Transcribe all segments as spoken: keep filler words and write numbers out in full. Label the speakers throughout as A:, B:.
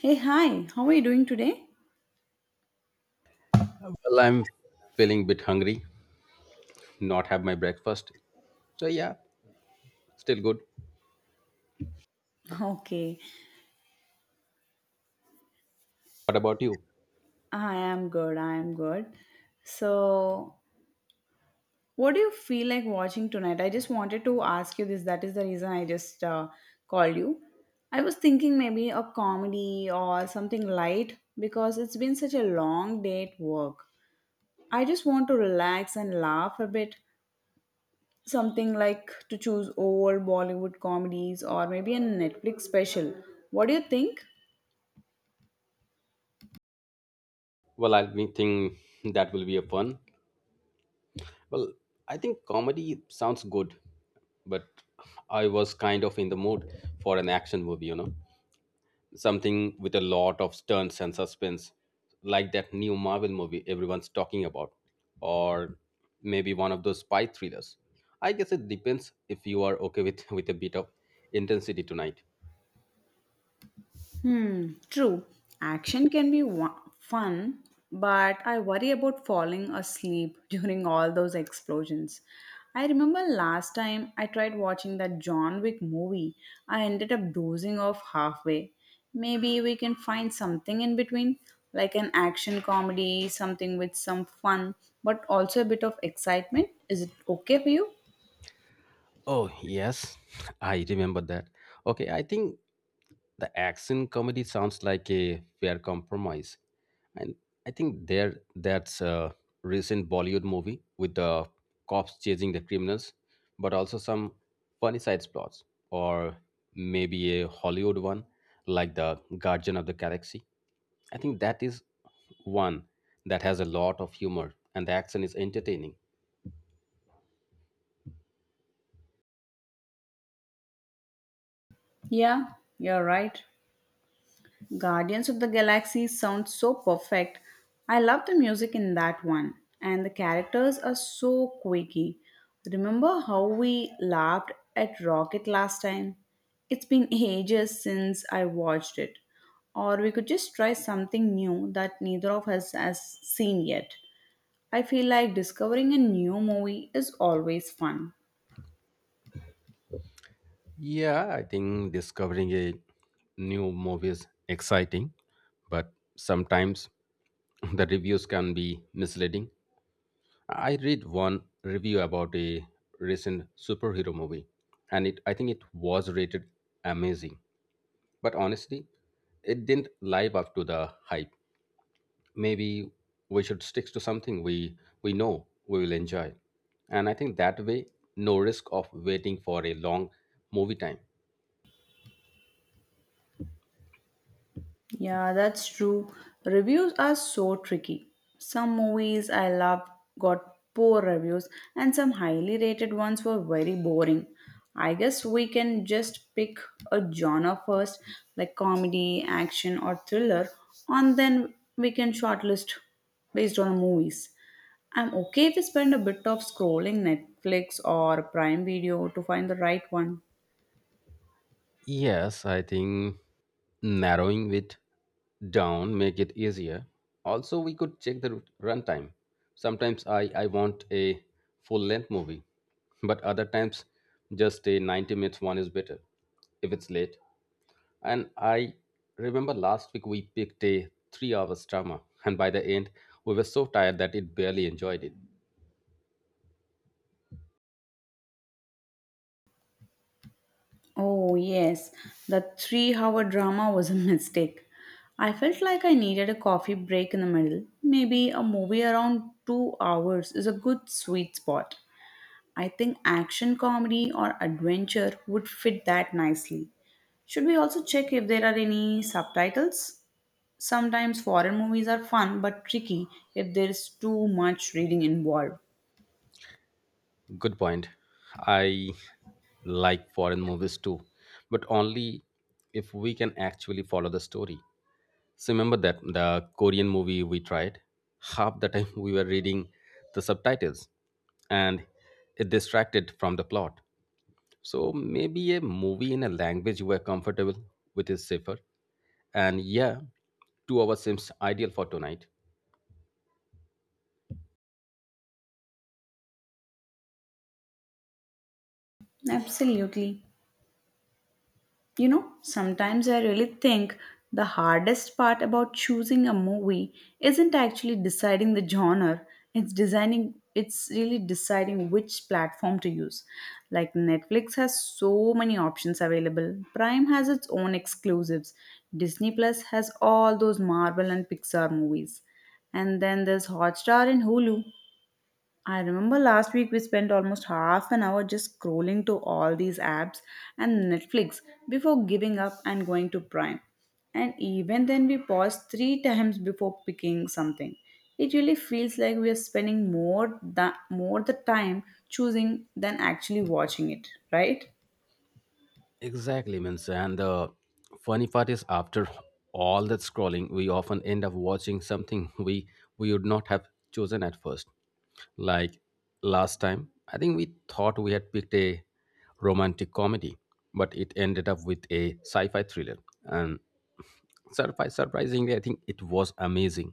A: Hey, hi, how are you doing today?
B: Well, I'm feeling a bit hungry, not have my breakfast. So yeah, still good.
A: Okay,
B: What about you?
A: I am good, I am good. So, what do you feel like watching tonight? I just wanted to ask you this, that is the reason I just uh, called you. I was thinking maybe a comedy or something light because it's been such a long day at work. I just want to relax and laugh a bit. Something like to choose old Bollywood comedies or maybe a Netflix special. What do you think?
B: Well, I think that will be a fun. Well, I think comedy sounds good, but I was kind of in the mood for an action movie, you know, something with a lot of stunts and suspense, like that new Marvel movie everyone's talking about, or maybe one of those spy thrillers. I guess it depends if you are okay with with a bit of intensity tonight.
A: Hmm, true. Action can be wa- fun, but I worry about falling asleep during all those explosions. I remember last time I tried watching that John Wick movie, I ended up dozing off halfway. Maybe we can find something in between, like an action comedy, something with some fun, but also a bit of excitement. Is it okay for you?
B: Oh, yes, I remember that. Okay, I think the action comedy sounds like a fair compromise. And I think there that's a recent Bollywood movie with the cops chasing the criminals, but also some funny side plots, or maybe a Hollywood one like The Guardian of the Galaxy. I think that is one that has a lot of humor and the action is entertaining.
A: Yeah, you're right. Guardians of the Galaxy sounds so perfect. I love the music in that one, and the characters are so quirky. Remember how we laughed at Rocket last time? It's been ages since I watched it. Or we could just try something new that neither of us has seen yet. I feel like discovering a new movie is always fun.
B: Yeah, I think discovering a new movie is exciting, but sometimes the reviews can be misleading. I read one review about a recent superhero movie, and it I think it was rated amazing, but honestly, it didn't live up to the hype. Maybe we should stick to something we we know we will enjoy, and I think that way, no risk of waiting for a long movie time.
A: Yeah, that's true. Reviews are so tricky. Some movies I loved got poor reviews, and some highly rated ones were very boring. I guess we can just pick a genre first, like comedy, action, or thriller, and then we can shortlist based on movies. I'm okay if we spend a bit of scrolling Netflix or Prime Video to find the right one.
B: Yes, I think narrowing it down make it easier. Also, we could check the rut- runtime. Sometimes I, I want a full length movie, but other times just a 90 minutes one is better if it's late. And I remember last week we picked a 3 hours drama and by the end we were so tired that it barely enjoyed it.
A: Oh, yes, the three hour drama was a mistake. I felt like I needed a coffee break in the middle. Maybe a movie around two hours is a good sweet spot. I think action comedy or adventure would fit that nicely. Should we also check if there are any subtitles? Sometimes foreign movies are fun but tricky if there is too much reading involved.
B: Good point. I like foreign movies too, but only if we can actually follow the story. So remember that the Korean movie we tried, half the time we were reading the subtitles and it distracted from the plot. So maybe a movie in a language we're comfortable with is safer. And yeah, two hours seems ideal for tonight.
A: Absolutely. You know, sometimes I really think the hardest part about choosing a movie isn't actually deciding the genre, it's designing it's really deciding which platform to use. Like Netflix has so many options available. Prime has its own exclusives. Disney Plus has all those Marvel and Pixar movies. And then there's Hotstar and Hulu. I remember last week we spent almost half an hour just scrolling to all these apps and Netflix before giving up and going to Prime. And even then, we paused three times before picking something. It really feels like we are spending more the more the time choosing than actually watching it, right?
B: Exactly, means and the funny part is after all that scrolling, we often end up watching something we we would not have chosen at first. Like last time, I think we thought we had picked a romantic comedy, but it ended up with a sci-fi thriller. And surpri- surprisingly, I think it was amazing.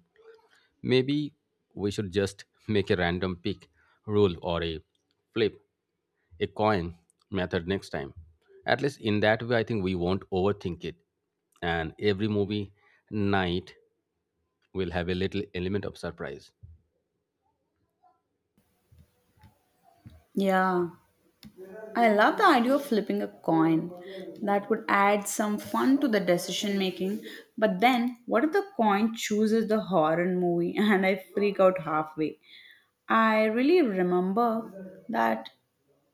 B: Maybe we should just make a random pick rule or a flip a coin method next time. At least in that way, I think we won't overthink it. And every movie night will have a little element of surprise.
A: Yeah. I love the idea of flipping a coin. That would add some fun to the decision making. But then, what if the coin chooses the horror movie and I freak out halfway? I really remember that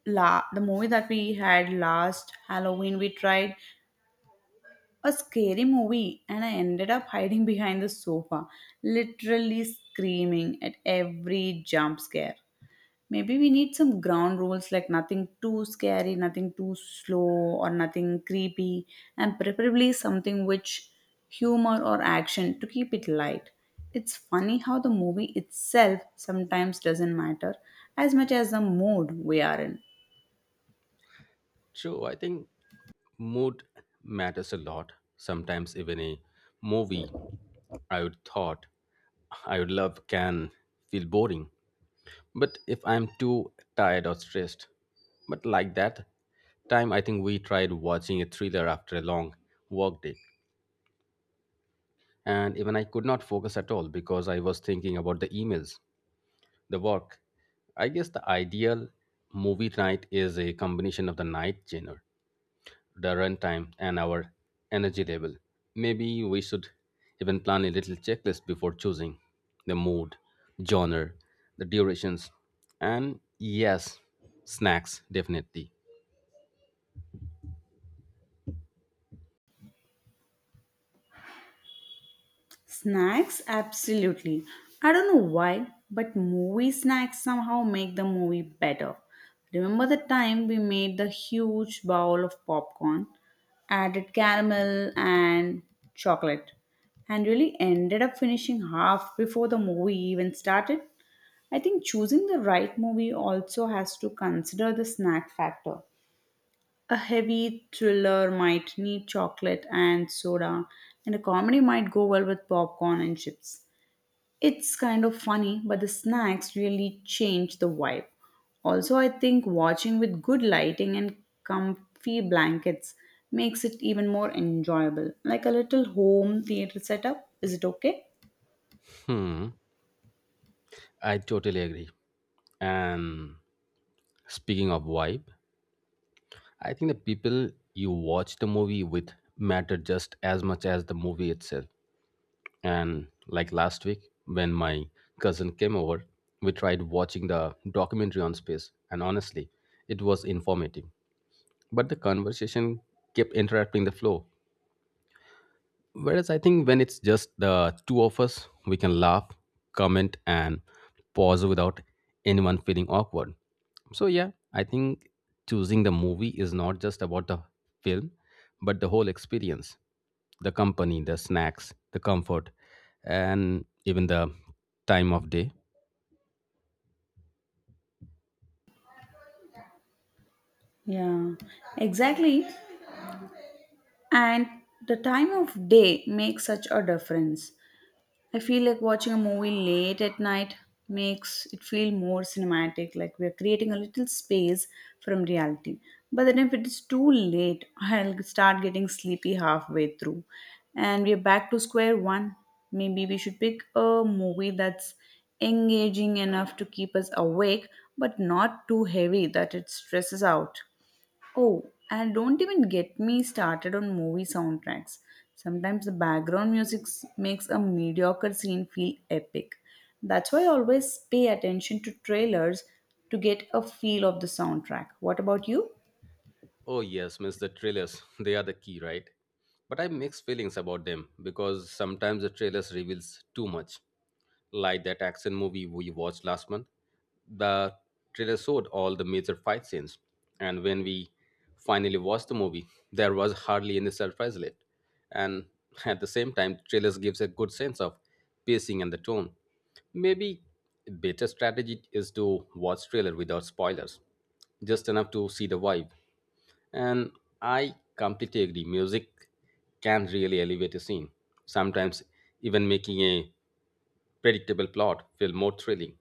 A: la- the movie that we had last Halloween, we tried a scary movie and I ended up hiding behind the sofa, literally screaming at every jump scare. Maybe we need some ground rules like nothing too scary, nothing too slow, or nothing creepy, and preferably something which humor or action to keep it light. It's funny how the movie itself sometimes doesn't matter as much as the mood we are in.
B: True, I think mood matters a lot. Sometimes even a movie I would thought I would love can feel boring. But if I'm too tired or stressed, but like that time I think we tried watching a thriller after a long work day and even I could not focus at all because I was thinking about the emails, the work. I guess the ideal movie night is a combination of the night genre, the runtime, and our energy level. Maybe we should even plan a little checklist before choosing the mood, genre, the durations, and yes, snacks definitely.
A: Snacks, absolutely. I don't know why, but movie snacks somehow make the movie better. Remember the time we made the huge bowl of popcorn, added caramel and chocolate, and really ended up finishing half before the movie even started? I think choosing the right movie also has to consider the snack factor. A heavy thriller might need chocolate and soda, and a comedy might go well with popcorn and chips. It's kind of funny, but the snacks really change the vibe. Also, I think watching with good lighting and comfy blankets makes it even more enjoyable. Like a little home theater setup. Is it okay?
B: Hmm, I totally agree. And speaking of vibe, I think the people you watch the movie with matter just as much as the movie itself. And like last week, when my cousin came over, we tried watching the documentary on space, and honestly, it was informative. But the conversation kept interrupting the flow, whereas I think when it's just the two of us, we can laugh, comment, and pause without anyone feeling awkward. So, yeah, I think choosing the movie is not just about the film, but the whole experience, the company, the snacks, the comfort, and even the time of day.
A: Yeah, exactly. And the time of day makes such a difference. I feel like watching a movie late at night makes it feel more cinematic, like we're creating a little space from reality. But then if it's too late, I'll start getting sleepy halfway through. And we're back to square one. Maybe we should pick a movie that's engaging enough to keep us awake, but not too heavy that it stresses out. Oh, and don't even get me started on movie soundtracks. Sometimes the background music s- makes a mediocre scene feel epic. That's why I always pay attention to trailers to get a feel of the soundtrack. What about you?
B: Oh, yes, miss the trailers. They are the key, right? But I have mixed feelings about them because sometimes the trailers reveals too much. Like that action movie we watched last month, the trailer showed all the major fight scenes, and when we finally watched the movie, there was hardly any surprise left. And at the same time, trailers gives a good sense of pacing and the tone. Maybe better strategy is to watch trailer without spoilers, just enough to see the vibe. And I completely agree. Music can really elevate a scene, sometimes even making a predictable plot feel more thrilling.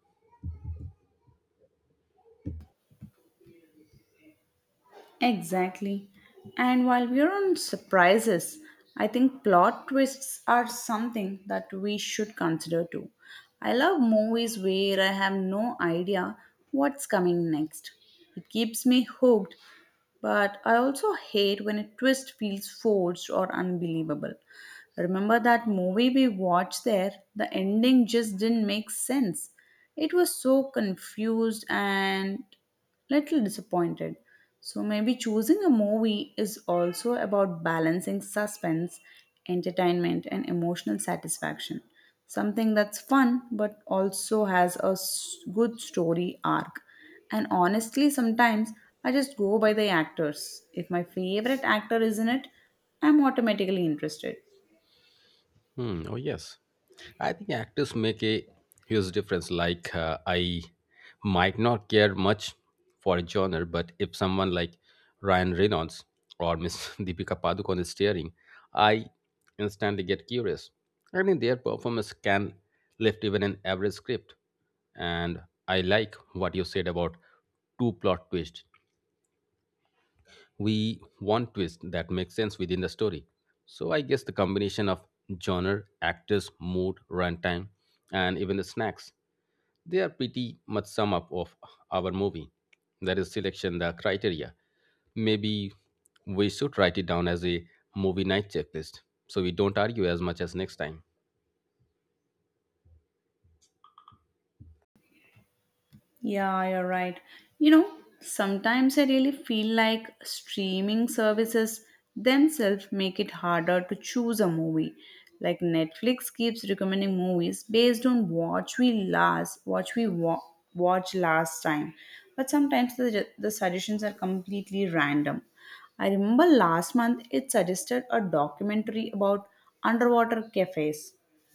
A: Exactly. And while we're on surprises, I think plot twists are something that we should consider too. I love movies where I have no idea what's coming next. It keeps me hooked. But I also hate when a twist feels forced or unbelievable. Remember that movie we watched there? The ending just didn't make sense. It was so confused and little disappointed. So maybe choosing a movie is also about balancing suspense, entertainment, and emotional satisfaction. Something that's fun but also has a s- good story arc. And honestly, sometimes I just go by the actors. If my favorite actor is in it, I'm automatically interested.
B: Hmm. Oh yes, I think actors make a huge difference. Like uh, I might not care much for a genre, but if someone like Ryan Reynolds or Miss Deepika Padukone is staring, I instantly get curious. I mean, their performance can lift even an average script. And I like what you said about two plot twist we want twist that makes sense within the story. So I guess the combination of genre, actors, mood, runtime, and even the snacks, they are pretty much sum up of our movie. That is selection the criteria. Maybe we should write it down as a movie night checklist so we don't argue as much as next time.
A: Yeah, you're right. You know, sometimes I really feel like streaming services themselves make it harder to choose a movie. Like Netflix keeps recommending movies based on what we last what we wa- watched last time, but sometimes the the suggestions are completely random. I remember last month it suggested a documentary about underwater cafes,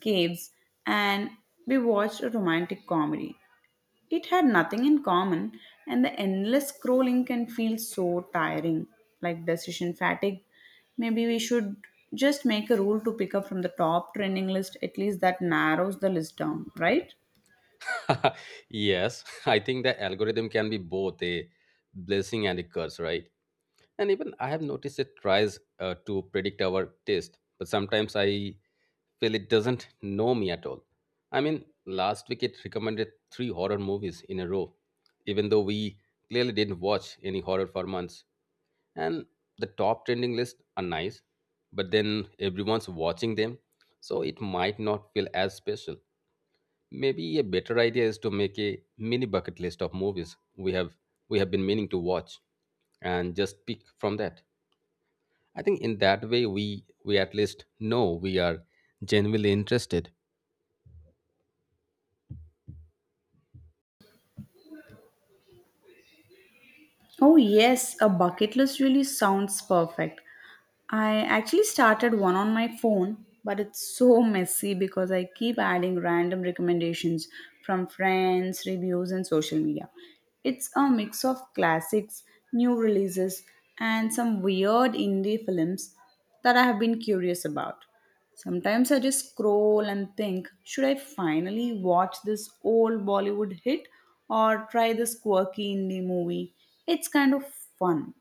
A: caves, and we watched a romantic comedy. It had nothing in common, and the endless scrolling can feel so tiring, like decision fatigue. Maybe we should just make a rule to pick up from the top trending list, at least that narrows the list down, right?
B: Yes, I think the algorithm can be both a blessing and a curse, right? And even I have noticed it tries uh, to predict our taste, but sometimes I feel it doesn't know me at all. I mean, last week it recommended three horror movies in a row, even though we clearly didn't watch any horror for months. And the top trending list are nice, but then everyone's watching them, so it might not feel as special. Maybe a better idea is to make a mini bucket list of movies we have we have been meaning to watch and just pick from that. I think in that way we we at least know we are genuinely interested.
A: Oh, yes, a bucket list really sounds perfect. I actually started one on my phone, but it's so messy because I keep adding random recommendations from friends, reviews, and social media. It's a mix of classics, new releases, and some weird indie films that I have been curious about. Sometimes I just scroll and think, should I finally watch this old Bollywood hit or try this quirky indie movie? It's kind of fun,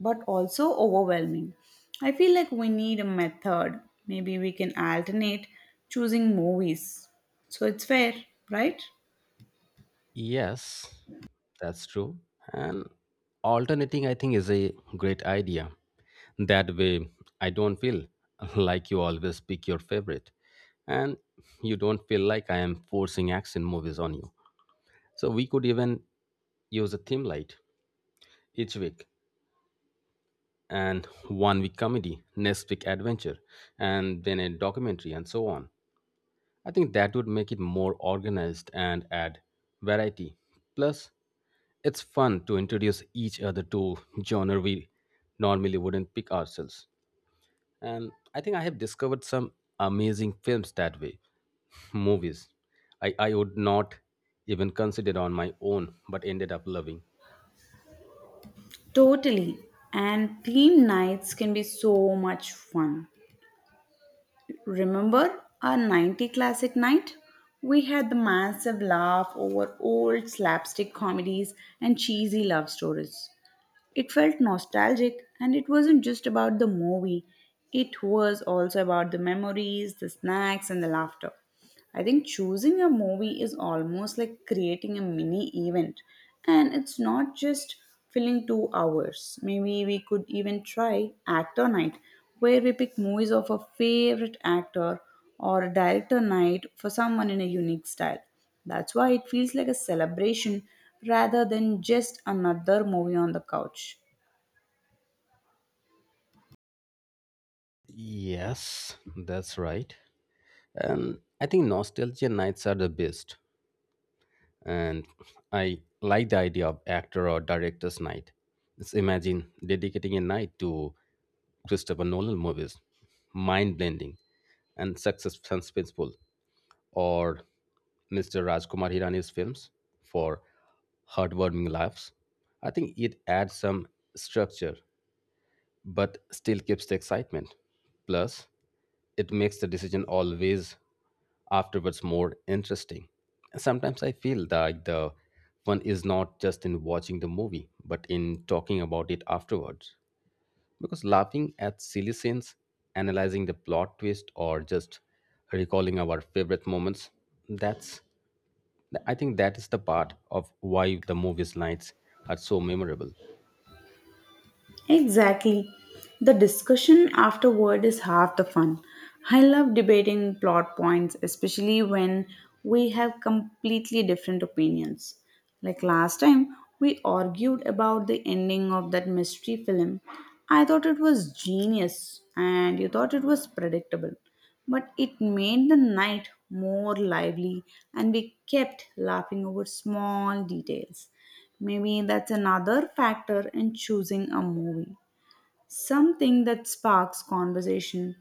A: but also overwhelming. I feel like we need a method. Maybe we can alternate choosing movies. So it's fair, right?
B: Yes, that's true. And alternating I think is a great idea. That way I don't feel like you always pick your favorite and you don't feel like I am forcing action movies on you. So we could even use a theme light each week and one week comedy, next week adventure, and then a documentary and so on. I think that would make it more organized and add variety. Plus, it's fun to introduce each other to genre we normally wouldn't pick ourselves. And I think I have discovered some amazing films that way. Movies I, I would not even consider on my own, but ended up loving.
A: Totally. And theme nights can be so much fun. Remember our ninety classic night? We had the massive laugh over old slapstick comedies and cheesy love stories. It felt nostalgic, and it wasn't just about the movie, it was also about the memories, the snacks, and the laughter. I think choosing a movie is almost like creating a mini event, and it's not just filling two hours. Maybe we could even try Actor Night, where we pick movies of a favorite actor or a director night for someone in a unique style. That's why it feels like a celebration rather than just another movie on the couch.
B: Yes, that's right. And I think nostalgia nights are the best. And I like the idea of actor or director's night. Let's imagine dedicating a night to Christopher Nolan movies, mind blending and success suspenseful, or Mister Rajkumar Hirani's films for heartwarming laughs. I think it adds some structure but still keeps the excitement. Plus, it makes the decision always afterwards more interesting. Sometimes I feel that the fun is not just in watching the movie, but in talking about it afterwards. Because laughing at silly scenes, analyzing the plot twist, or just recalling our favorite moments, that's I think that is the part of why the movies nights are so memorable.
A: Exactly. The discussion afterward is half the fun. I love debating plot points, especially when we have completely different opinions. Like last time, we argued about the ending of that mystery film. I thought it was genius, and you thought it was predictable. But it made the night more lively, and we kept laughing over small details. Maybe that's another factor in choosing a movie. Something that sparks conversation.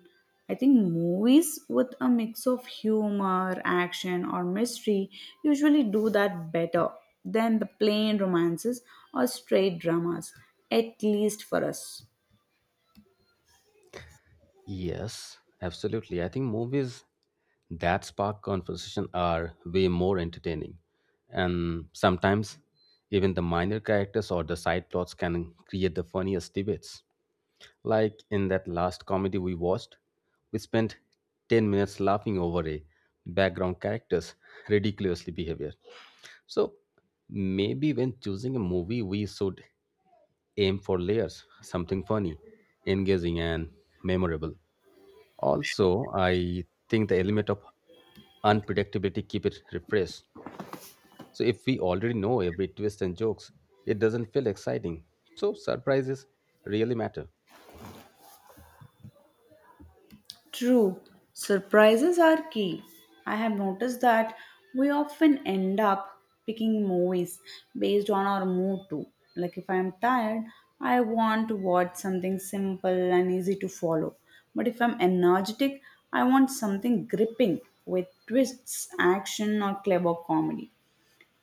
A: I think movies with a mix of humor, action, or mystery usually do that better than the plain romances or straight dramas, at least for us.
B: Yes, absolutely. I think movies that spark conversation are way more entertaining, and sometimes even the minor characters or the side plots can create the funniest debates, like in that last comedy we watched, we spent 10 minutes laughing over a background character's ridiculously behavior. So maybe when choosing a movie we should aim for layers, something funny, engaging, and memorable. Also, I think the element of unpredictability keep it refreshed. So if we already know every twist and jokes, it doesn't feel exciting. So surprises really matter.
A: True, surprises are key. I have noticed that we often end up picking movies based on our mood too. Like if I'm tired, I want to watch something simple and easy to follow. But if I'm energetic, I want something gripping with twists, action, or clever comedy.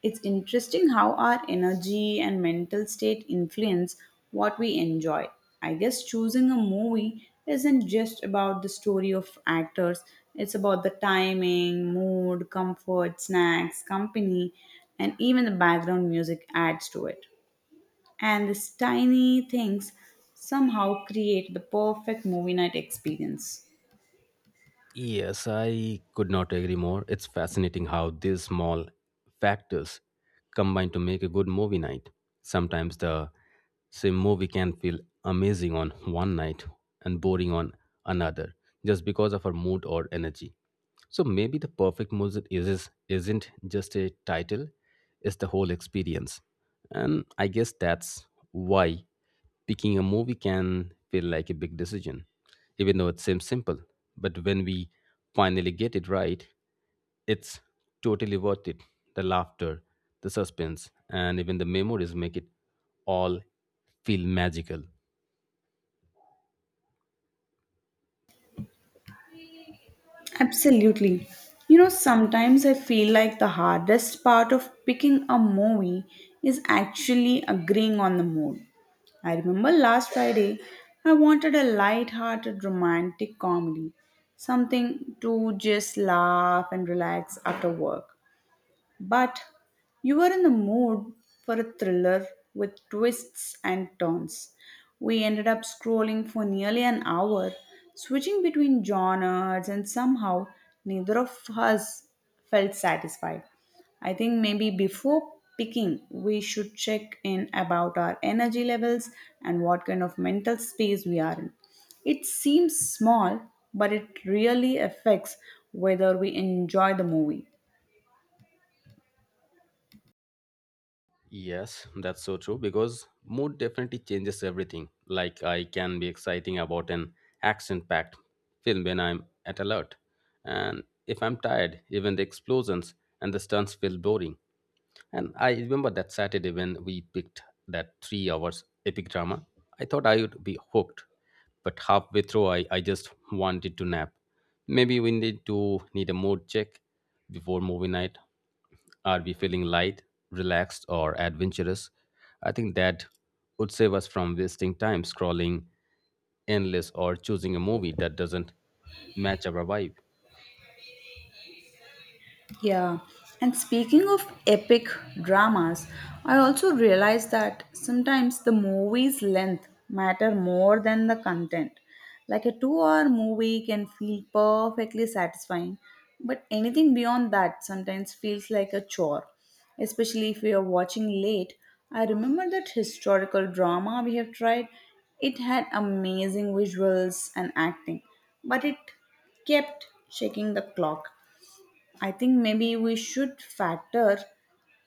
A: It's interesting how our energy and mental state influence what we enjoy. I guess choosing a movie isn't just about the story of actors, it's about the timing, mood, comfort, snacks, company, and even the background music adds to it. And these tiny things somehow create the perfect movie night experience.
B: Yes, I could not agree more. It's fascinating how these small factors combine to make a good movie night. Sometimes the same movie can feel amazing on one night and boring on another just because of our mood or energy. So maybe the perfect music is, is isn't just a title, it's the whole experience. And I guess that's why picking a movie can feel like a big decision, even though it seems simple. But when we finally get it right, it's totally worth it. The laughter, the suspense, and even the memories make it all feel magical.
A: Absolutely. You know, sometimes I feel like the hardest part of picking a movie is actually agreeing on the mood. I remember last Friday, I wanted a light-hearted romantic comedy, something to just laugh and relax after work. But you were in the mood for a thriller with twists and turns. We ended up scrolling for nearly an hour, switching between genres, and somehow neither of us felt satisfied. I think maybe before picking, we should check in about our energy levels and what kind of mental space we are in. It seems small, but it really affects whether we enjoy the movie.
B: Yes, that's so true because mood definitely changes everything. Like I can be exciting about an action-packed film when I'm at alert, and if I'm tired, even the explosions and the stunts feel boring. And I remember that Saturday when we picked that three hours epic drama. I thought I would be hooked, but halfway through, I, I just wanted to nap. Maybe we need to need a mood check before movie night. Are we feeling light, relaxed, or adventurous? I think that would save us from wasting time scrolling endless or choosing a movie that doesn't match our vibe.
A: Yeah, and speaking of epic dramas, I also realized that sometimes the movie's length matter more than the content. Like a two-hour movie can feel perfectly satisfying, but anything beyond that sometimes feels like a chore, especially if we are watching late. I remember that historical drama we have tried. It had amazing visuals and acting, but it kept checking the clock. I think maybe we should factor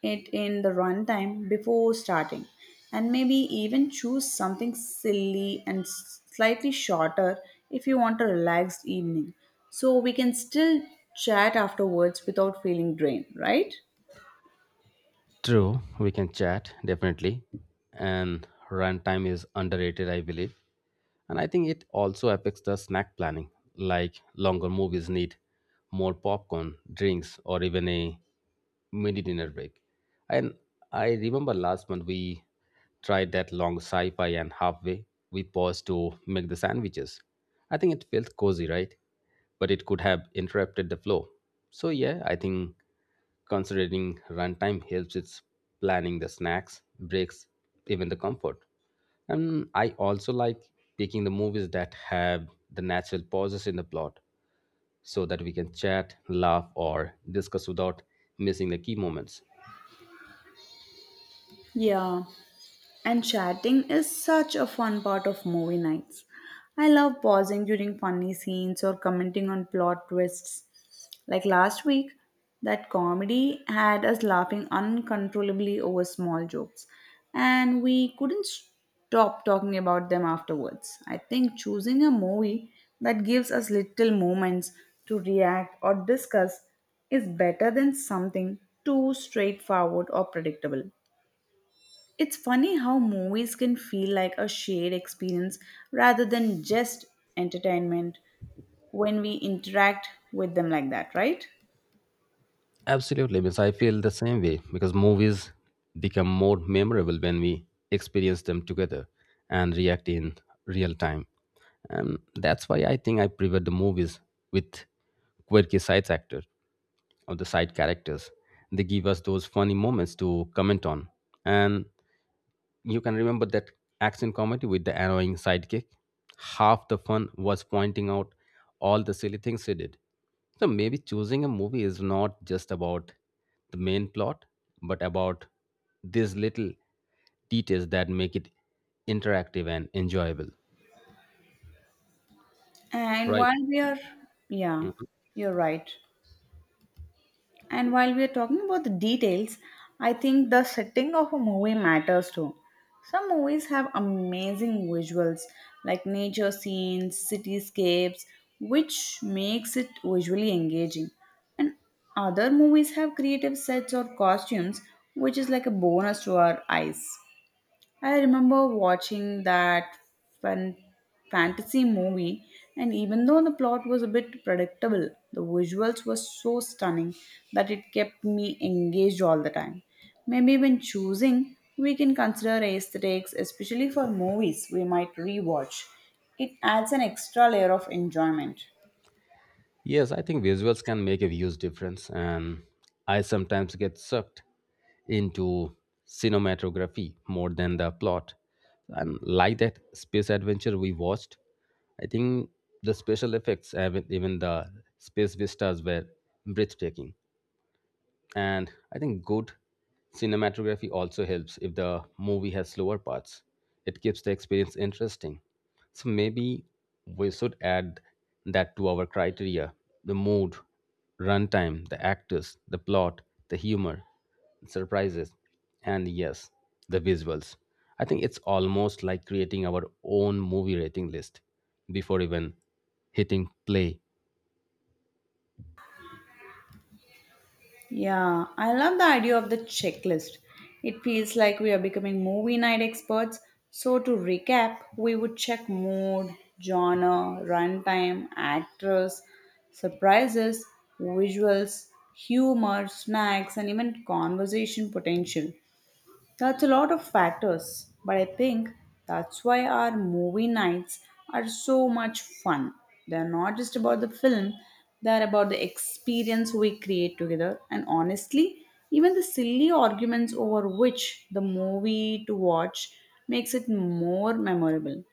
A: it in the runtime before starting and maybe even choose something silly and slightly shorter if you want a relaxed evening so we can still chat afterwards without feeling drained, right?
B: True, we can chat definitely, and runtime is underrated, I believe, and I think it also affects the snack planning. Like longer movies need more popcorn, drinks, or even a mini dinner break. And I remember last month we tried that long sci fi, and halfway we paused to make the sandwiches. I think it felt cozy, right? But it could have interrupted the flow. So, yeah, I think considering runtime helps its planning the snacks, breaks, even the comfort. And I also like taking the movies that have the natural pauses in the plot so that we can chat, laugh, or discuss without missing the key moments.
A: Yeah, and chatting is such a fun part of movie nights. I love pausing during funny scenes or commenting on plot twists. Like last week, that comedy had us laughing uncontrollably over small jokes, and we couldn't stop talking about them afterwards. I think choosing a movie that gives us little moments to react or discuss is better than something too straightforward or predictable. It's funny how movies can feel like a shared experience rather than just entertainment when we interact with them like that, right?
B: Absolutely, Miss. I feel the same way because movies become more memorable when we experience them together and react in real time. And that's why I think I prefer the movies with quirky side actors or the side characters. They give us those funny moments to comment on. And you can remember that action comedy with the annoying sidekick. Half the fun was pointing out all the silly things he did. So maybe choosing a movie is not just about the main plot, but about these little details that make it interactive and enjoyable,
A: And
B: right?
A: while we are, Yeah, you're right. And while we are talking about the details, I think the setting of a movie matters too. Some movies have amazing visuals like nature scenes, cityscapes, which makes it visually engaging. And other movies have creative sets or costumes, which is like a bonus to our eyes. I remember watching that fan- fantasy movie, and even though the plot was a bit predictable, the visuals were so stunning that it kept me engaged all the time. Maybe when choosing, we can consider aesthetics, especially for movies we might rewatch. It adds an extra layer of enjoyment.
B: Yes, I think visuals can make a huge difference, and I sometimes get sucked into cinematography more than the plot. And like that space adventure we watched, I think the special effects, even even the space vistas, were breathtaking. And I think good cinematography also helps if the movie has slower parts. It keeps the experience interesting. So maybe we should add that to our criteria, the mood, runtime, the actors, the plot, the humor, surprises, and yes, the visuals. I think it's almost like creating our own movie rating list before even hitting play.
A: Yeah, I love the idea of the checklist. It feels like we are becoming movie night experts. So, to recap, we would check mood, genre, runtime, actors, surprises, visuals, humor, snacks, and even conversation potential. That's a lot of factors, but I think that's why our movie nights are so much fun. They're not just about the film, they're about the experience we create together. And honestly, even the silly arguments over which the movie to watch makes it more memorable.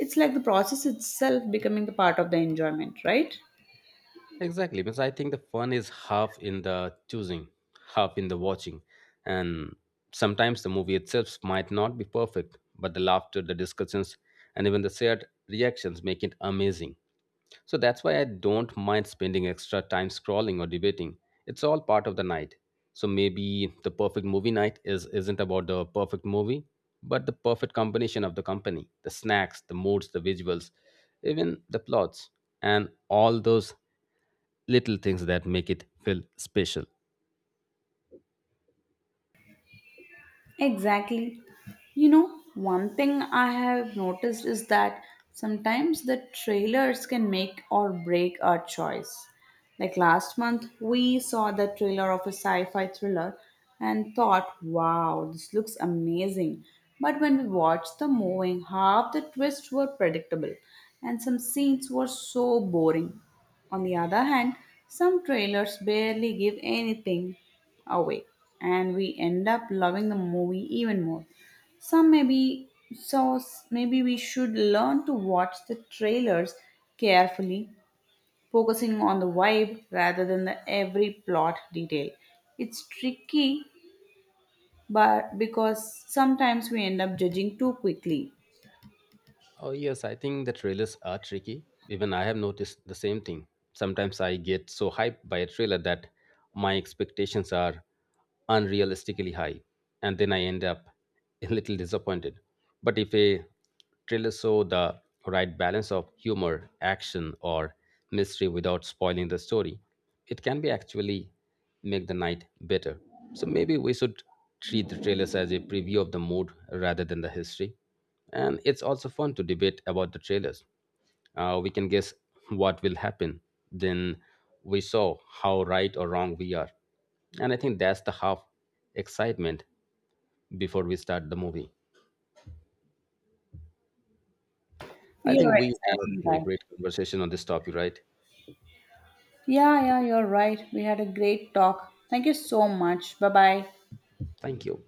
A: It's like the process itself becoming the part of the enjoyment, right?
B: Exactly, because I think the fun is half in the choosing, half in the watching, and sometimes the movie itself might not be perfect, but the laughter, the discussions, and even the shared reactions make it amazing. So that's why I don't mind spending extra time scrolling or debating. It's all part of the night. So maybe the perfect movie night is isn't about the perfect movie, but the perfect combination of the company, the snacks, the moods, the visuals, even the plots and all those little things that make it feel special.
A: Exactly. You know, one thing I have noticed is that sometimes the trailers can make or break our choice. Like last month, we saw the trailer of a sci fi thriller and thought, wow, this looks amazing. But when we watched the movie, half the twists were predictable and some scenes were so boring. On the other hand, some trailers barely give anything away and we end up loving the movie even more. Some maybe So maybe we should learn to watch the trailers carefully, focusing on the vibe rather than the every plot detail. It's tricky, but because sometimes we end up judging too quickly.
B: Oh, yes, I think the trailers are tricky. Even I have noticed the same thing. Sometimes I get so hyped by a trailer that my expectations are unrealistically high, and then I end up a little disappointed. But if a trailer show the right balance of humor, action, or mystery without spoiling the story, it can be actually make the night better. So maybe we should treat the trailers as a preview of the mood rather than the history. And it's also fun to debate about the trailers. Uh, we can guess what will happen. Then we saw how right or wrong we are. And I think that's the half excitement before we start the movie. I
A: You're
B: think we have
A: exactly
B: a
A: right.
B: great conversation on this topic, right?
A: Yeah, yeah, you're right, we had a great talk. Thank you so much. Bye bye.
B: Thank you.